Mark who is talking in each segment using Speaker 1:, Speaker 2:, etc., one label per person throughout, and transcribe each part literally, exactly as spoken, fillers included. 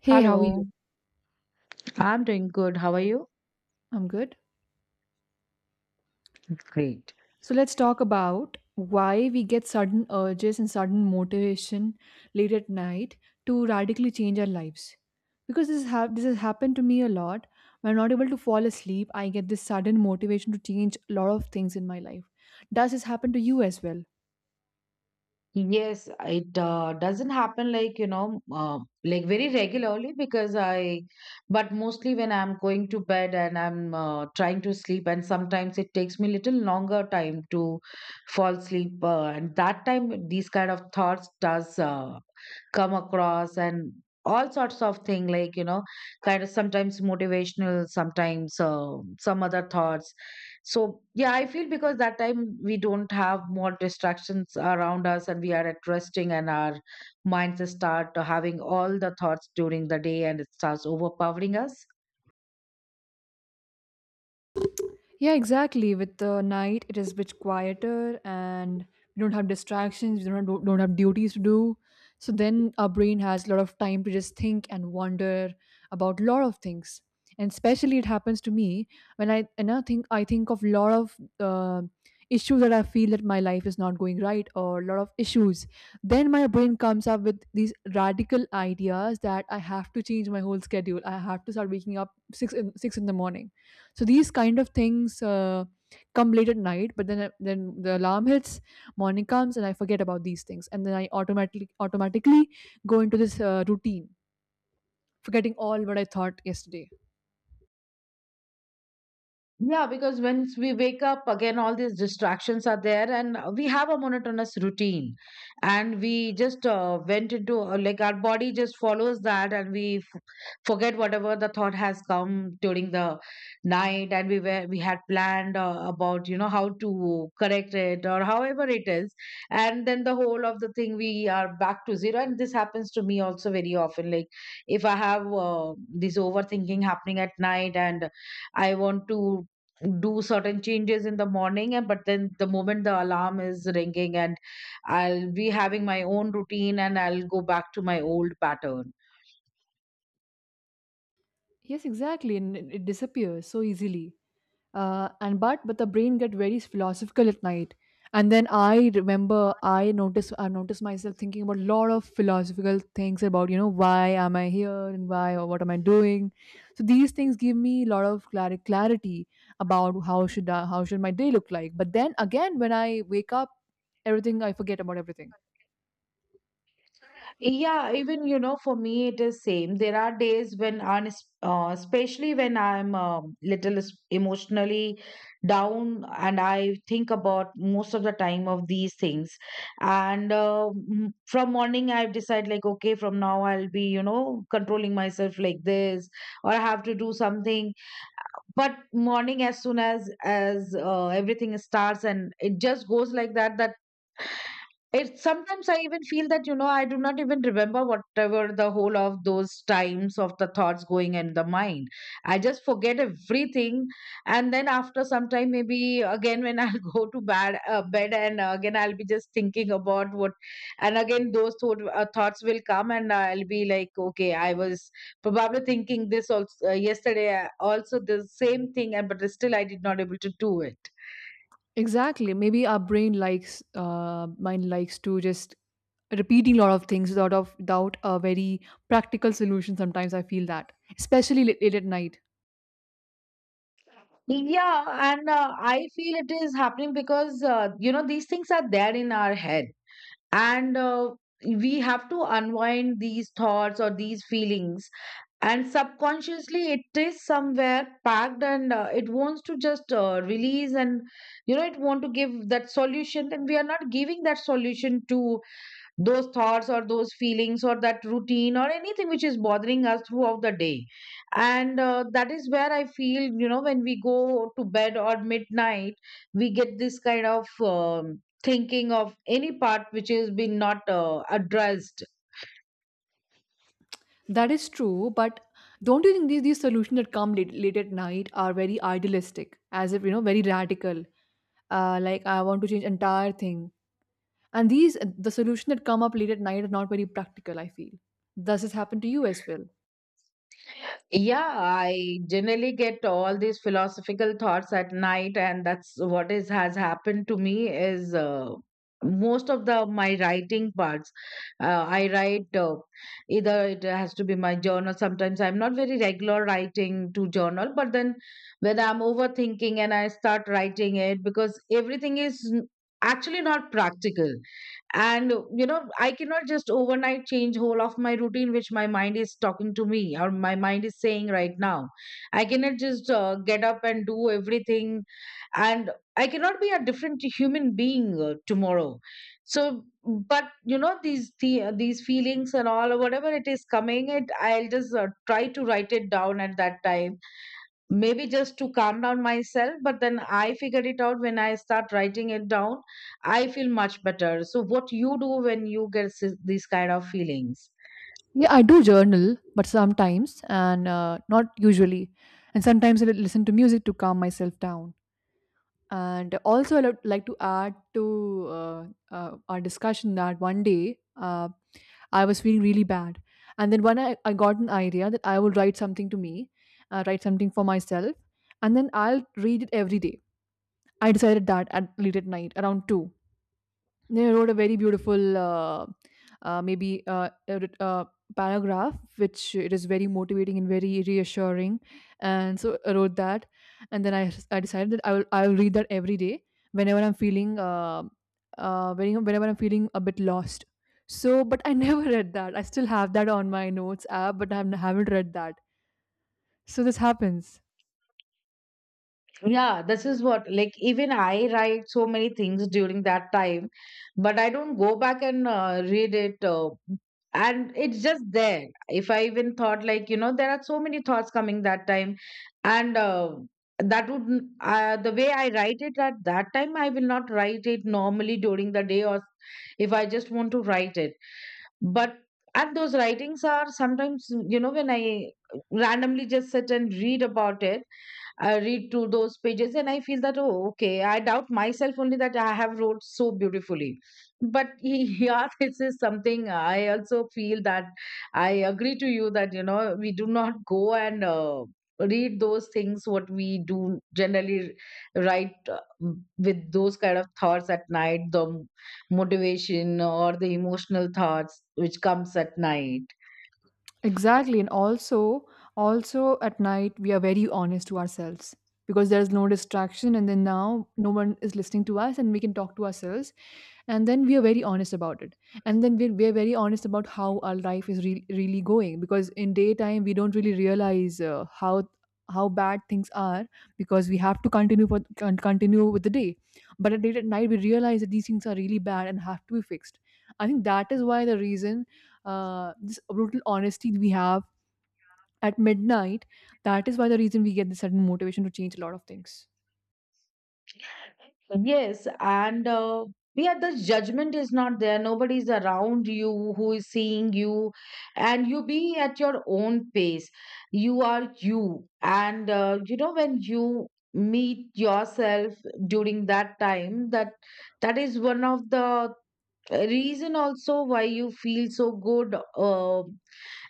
Speaker 1: Hey, how are you?
Speaker 2: Hello, I'm doing good. How are you?
Speaker 1: I'm good.
Speaker 2: Great.
Speaker 1: So let's talk about why we get sudden urges and sudden motivation late at night to radically change our lives. Because this ha- this has happened to me a lot. When I'm not able to fall asleep, I get this sudden motivation to change a lot of things in my life. Does this happen to you as well?
Speaker 2: Yes, it uh, doesn't happen like, you know, uh, like very regularly because I, but mostly when I'm going to bed and I'm uh, trying to sleep, and sometimes it takes me little longer time to fall asleep. Uh, and that time, these kind of thoughts does uh, come across and all sorts of thing like you know kind of sometimes motivational, sometimes uh, some other thoughts. So yeah, I feel because that time we don't have more distractions around us and we are at resting and our minds start having all the thoughts during the day and it starts overpowering us.
Speaker 1: Yeah, exactly. With the night, it is a bit quieter, and we don't have distractions. We don't have, don't have duties to do. So then our brain has a lot of time to just think and wonder about a lot of things. And especially, it happens to me when I, and I think I think of a lot of uh, issues that I feel that my life is not going right, or a lot of issues. Then my brain comes up with these radical ideas that I have to change my whole schedule. I have to start waking up six in, six in the morning, so these kind of things uh, come late at night, but then then the alarm hits, morning comes, and I forget about these things, and then I automatically automatically go into this uh, routine, forgetting all what I thought yesterday.
Speaker 2: Yeah, because once we wake up, again, all these distractions are there, and we have a monotonous routine. And we just uh, went into, uh, like, our body just follows that, and we f- forget whatever the thought has come during the night. And we were, we had planned uh, about, you know, how to correct it or however it is. And then the whole of the thing, we are back to zero. And this happens to me also very often. Like, if I have uh, this overthinking happening at night, and I want to do certain changes in the morning and but then the moment the alarm is ringing and I'll be having my own routine and I'll go back to my old pattern.
Speaker 1: Yes, exactly, and it it disappears so easily. Uh, and but but the brain get very philosophical at night, and then i remember i notice i notice myself thinking about a lot of philosophical things about you know why am I here, and why or what am I doing. So these things give me a lot of clar- clarity about how should I, how should my day look like, but then again when I wake up, everything, I forget about everything.
Speaker 2: Yeah, even you know for me it is same. There are days when on uh, especially when I'm um, little s- emotionally down and I think about most of the time of these things. And uh, m- from morning I decide like okay, from now I'll be you know controlling myself like this, or I have to do something. But morning as soon as as uh, everything starts and it just goes like that that it sometimes I even feel that, you know, I do not even remember whatever the whole of those times of the thoughts going in the mind. I just forget everything. And then after some time, maybe again when I'll go to bed, uh, bed and uh, again I'll be just thinking about what, and again those thought, uh, thoughts will come and I'll be like, okay, I was probably thinking this also uh, yesterday, uh, also the same thing, and but still I did not able to do it.
Speaker 1: Exactly. Maybe our brain likes, uh, mind likes to just repeating a lot of things without of without a very practical solution. Sometimes I feel that, especially late, late at night.
Speaker 2: Yeah, and uh, I feel it is happening because uh, you know these things are there in our head, and uh, we have to unwind these thoughts or these feelings, and subconsciously it is somewhere packed, and uh, it wants to just uh, release, and you know it want to give that solution, and we are not giving that solution to those thoughts or those feelings or that routine or anything which is bothering us throughout the day. And uh, that is where I feel you know when we go to bed or midnight we get this kind of um, thinking of any part which has been not uh, addressed.
Speaker 1: That is true, but don't you think these, these solutions that come late, late at night are very idealistic, as if, you know, very radical? Uh, like, I want to change entire thing, and these the solution that come up late at night are not very practical. I feel. Does this happen to you as well?
Speaker 2: Yeah, I generally get all these philosophical thoughts at night, and that's what is has happened to me is uh, most of the my writing parts. Uh, I write uh, either it has to be my journal. Sometimes I'm not very regular writing to journal, but then when I'm overthinking and I start writing it because everything is n- actually not practical. And you know I cannot just overnight change whole of my routine which my mind is talking to me or my mind is saying right now. I cannot just uh, get up and do everything, and I cannot be a different human being uh, tomorrow. So but you know these the, these feelings and all whatever it is coming it I'll just uh, try to write it down at that time, maybe just to calm down myself. But then I figured it out when I start writing it down I feel much better. So what you do when you get s- these kind of feelings?
Speaker 1: Yeah, I do journal, but sometimes and uh, not usually. And sometimes I listen to music to calm myself down. And also, I would like to add to uh, uh, our discussion that one day uh, I was feeling really bad. And then when I, I got an idea that I would write something to me, uh, write something for myself, and then I'll read it every day. I decided that at late at night, around two. They wrote a very beautiful, uh, uh, maybe uh, a writ- uh, paragraph, which it is very motivating and very reassuring. And so I wrote that, and then I I decided that I will I will read that every day whenever I'm feeling uh, uh, whenever whenever I'm feeling a bit lost. So, but I never read that. I still have that on my notes app, but I haven't haven't read that. So this happens.
Speaker 2: Yeah, this is what, like, even I write so many things during that time, but I don't go back and uh, read it. Uh, and it's just there. If I even thought, like, you know, there are so many thoughts coming that time, and uh, that would, n- uh, the way I write it at that time, I will not write it normally during the day, or if I just want to write it. But and those writings are sometimes, you know, when I randomly just sit and read about it, I read through those pages and I feel that, oh, okay, I doubt myself only that I have wrote so beautifully. But yeah, this is something I also feel that I agree to you that, you know, we do not go and uh, read those things what we do generally write uh, with those kind of thoughts at night, the motivation or the emotional thoughts which comes at night.
Speaker 1: Exactly, and also also at night we are very honest to ourselves, because there's no distraction, and then now no one is listening to us, and we can talk to ourselves, and then we are very honest about it, and then we're, we're very honest about how our life is re- really going, because in daytime we don't really realize uh, how how bad things are, because we have to continue for con- continue with the day. But at late at night we realize that these things are really bad and have to be fixed. I think that is why the reason, uh, this brutal honesty we have at midnight, that is why the reason we get this sudden motivation to change a lot of things.
Speaker 2: Yes, and uh, yeah, the judgment is not there. Nobody's around you who is seeing you, and you be at your own pace. You are you, and uh, you know when you meet yourself during that time, that that is one of the reason also why you feel so good uh,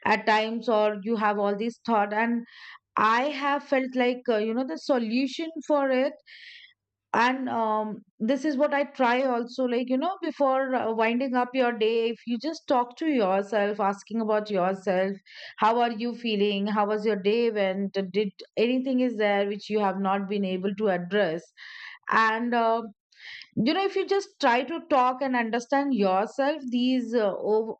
Speaker 2: at times, or you have all these thought. And I have felt like uh, you know the solution for it. And um, this is what I try also like you know before uh, winding up your day, if you just talk to yourself asking about yourself, how are you feeling, how was your day went, did anything is there which you have not been able to address. And uh, you know if you just try to talk and understand yourself, these uh, ov-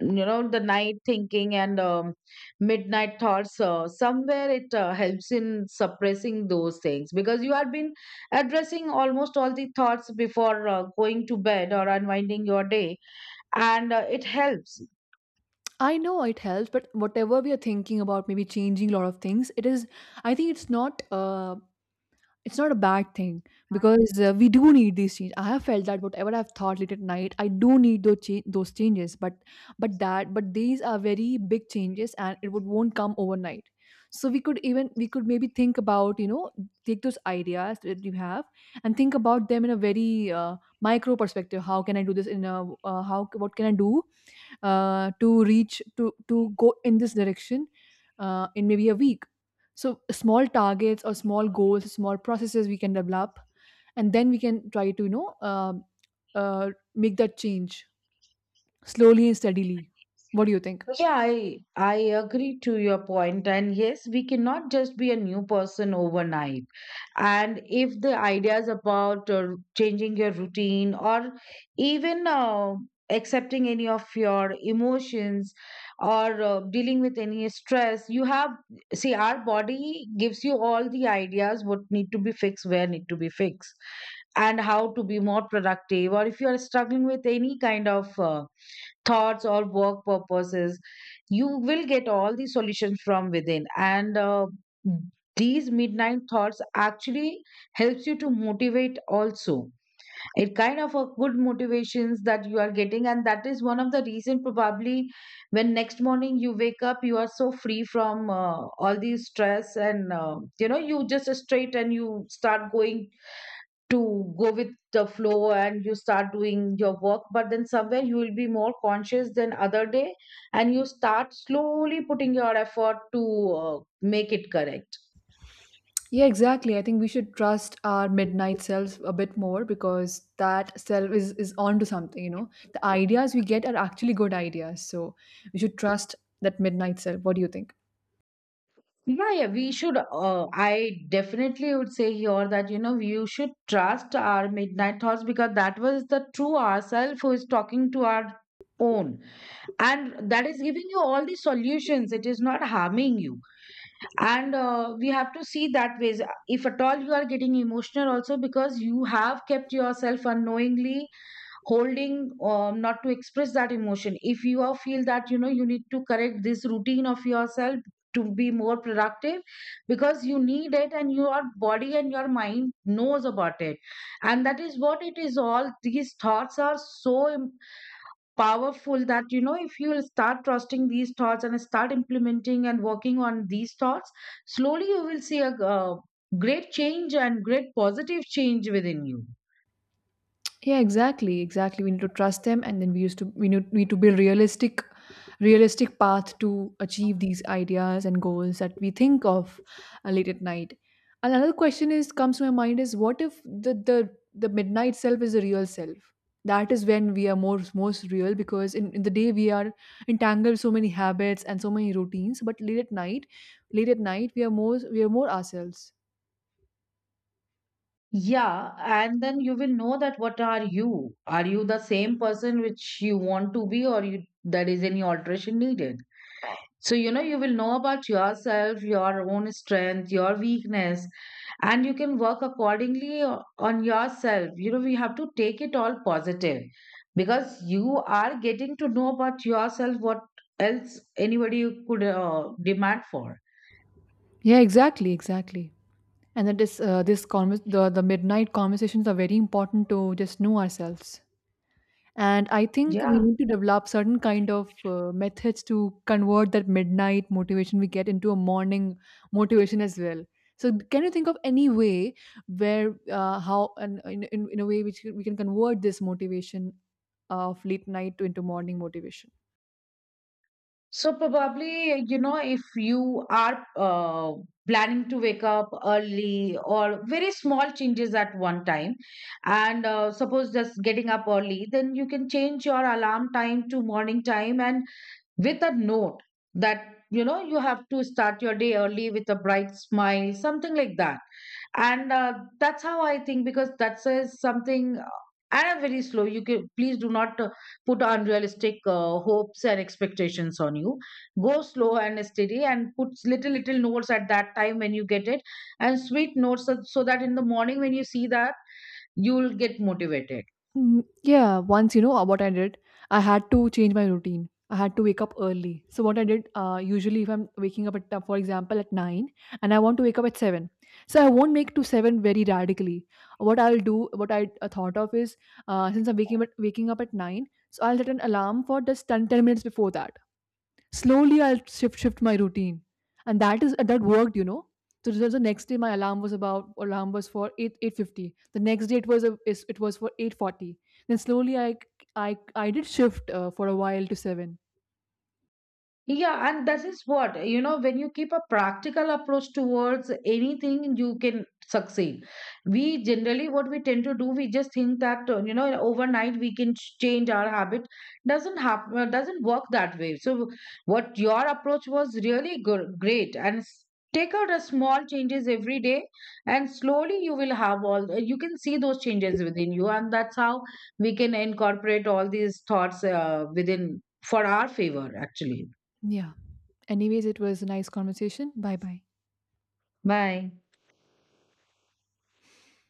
Speaker 2: you know the night thinking and um, midnight thoughts uh, somewhere it uh, helps in suppressing those things because you had been addressing almost all the thoughts before uh, going to bed or unwinding your day, and uh, it helps.
Speaker 1: I know it helps, but whatever we are thinking about, maybe changing a lot of things, it is. I think it's not. Uh, it's not a bad thing, because uh, we do need these changes. I have felt that whatever I've thought late at night, I do need those cha- those changes. But but that but these are very big changes, and it would won't come overnight. So we could even we could maybe think about, you know take those ideas that you have and think about them in a very uh, micro perspective. How can I do this, in a uh, how what can I do uh, to reach to to go in this direction uh, in maybe a week? So small targets or small goals, small processes we can develop, and then we can try to, you know um uh, make that change slowly and steadily. What do you think?
Speaker 2: Yeah, I, I agree to your point. And yes, we cannot just be a new person overnight. And if the ideas about uh, changing your routine or even uh, accepting any of your emotions or uh, dealing with any stress, you have, see, our body gives you all the ideas what need to be fixed, where need to be fixed, and how to be more productive. Or if you are struggling with any kind of uh, thoughts or work purposes, you will get all the solutions from within, and uh, these midnight thoughts actually helps you to motivate also. It kind of a good motivations that you are getting, and that is one of the reason probably when next morning you wake up you are so free from uh, all the stress, and uh, you know you just straight and you start going to go with the flow and you start doing your work, but then somewhere you will be more conscious than other day, and you start slowly putting your effort to uh, make it correct.
Speaker 1: Yeah, exactly, I think we should trust our midnight self a bit more, because that self is is onto something you know The ideas we get are actually good ideas, so we should trust that midnight self. What do you think?
Speaker 2: Yeah yeah we should uh, I definitely would say here that you know you should trust our midnight thoughts because that was the true ourself who is talking to our own, and that is giving you all the solutions, it is not harming you. And uh, we have to see that ways. If at all you are getting emotional also because you have kept yourself unknowingly holding um, not to express that emotion, if you are feel that you know you need to correct this routine of yourself to be more productive because you need it, and your body and your mind knows about it. And that is what it is, all these thoughts are so powerful that you know if you'll start trusting these thoughts and start implementing and working on these thoughts, slowly you will see a uh, great change and great positive change within you.
Speaker 1: Yeah, exactly, exactly. We need to trust them, and then we used to we need, need to build realistic, realistic path to achieve these ideas and goals that we think of uh, late at night. And another question is comes to my mind is, what if the the the midnight self is the real self? That is when we are most most real, because in, in the day we are entangled so many habits and so many routines, but late at night, late at night we are more we are more ourselves.
Speaker 2: Yeah, and then you will know that what are you, are you the same person which you want to be, or you there is any alteration needed. So, you know, you will know about yourself, your own strength, your weakness, and you can work accordingly o- on yourself. You know, we have to take it all positive because you are getting to know about yourself. What else anybody could uh, demand for.
Speaker 1: Yeah, exactly, exactly. And that is uh, this convers- the the midnight conversations are very important to just know ourselves. And I think we
Speaker 2: Yeah.
Speaker 1: need to develop certain kind of uh, methods to convert that midnight motivation we get into a morning motivation as well. So can you think of any way, where uh, how and in, in, in a way which we can convert this motivation of late night to into morning motivation?
Speaker 2: So probably, you know, if you are uh, planning to wake up early or very small changes at one time, and uh, suppose just getting up early, then you can change your alarm time to morning time and with a note that, you know, you have to start your day early with a bright smile, something like that. And uh, that's how I think because that says something uh, and I'm very slow. You can please do not uh, put unrealistic uh, hopes and expectations on you. Go slow and steady and put little little notes at that time when you get it, and sweet notes, so so that in the morning when you see that you'll get motivated.
Speaker 1: Mm, yeah, once you know uh, what I did, I had to change my routine. I had to wake up early. So what I did, uh, usually if I'm waking up at, uh, for example, at nine, and I want to wake up at seven, so I won't make to seven very radically. What I'll do, what I uh, thought of is, uh, since I'm waking up, waking up at nine, so I'll set an alarm for just ten, ten minutes before that. Slowly I'll shift shift my routine, and that is that worked, you know. So the the next day my alarm was about alarm was for eight eight fifty. The next day it was a, is- it was for eight forty. Then slowly I I I did shift uh, for a while to seven.
Speaker 2: Yeah, and that is what, you know, when you keep a practical approach towards anything, you can succeed. We generally, what we tend to do, we just think that, uh, you know, overnight we can ch- change our habit. Doesn't happen, doesn't work that way. So, what your approach was really good, great. And s- take out a small changes every day, and slowly you will have all, uh, you can see those changes within you. And that's how we can incorporate all these thoughts uh, within for our favor, actually.
Speaker 1: Yeah. Anyways, it was a nice conversation. Bye bye.
Speaker 2: Bye.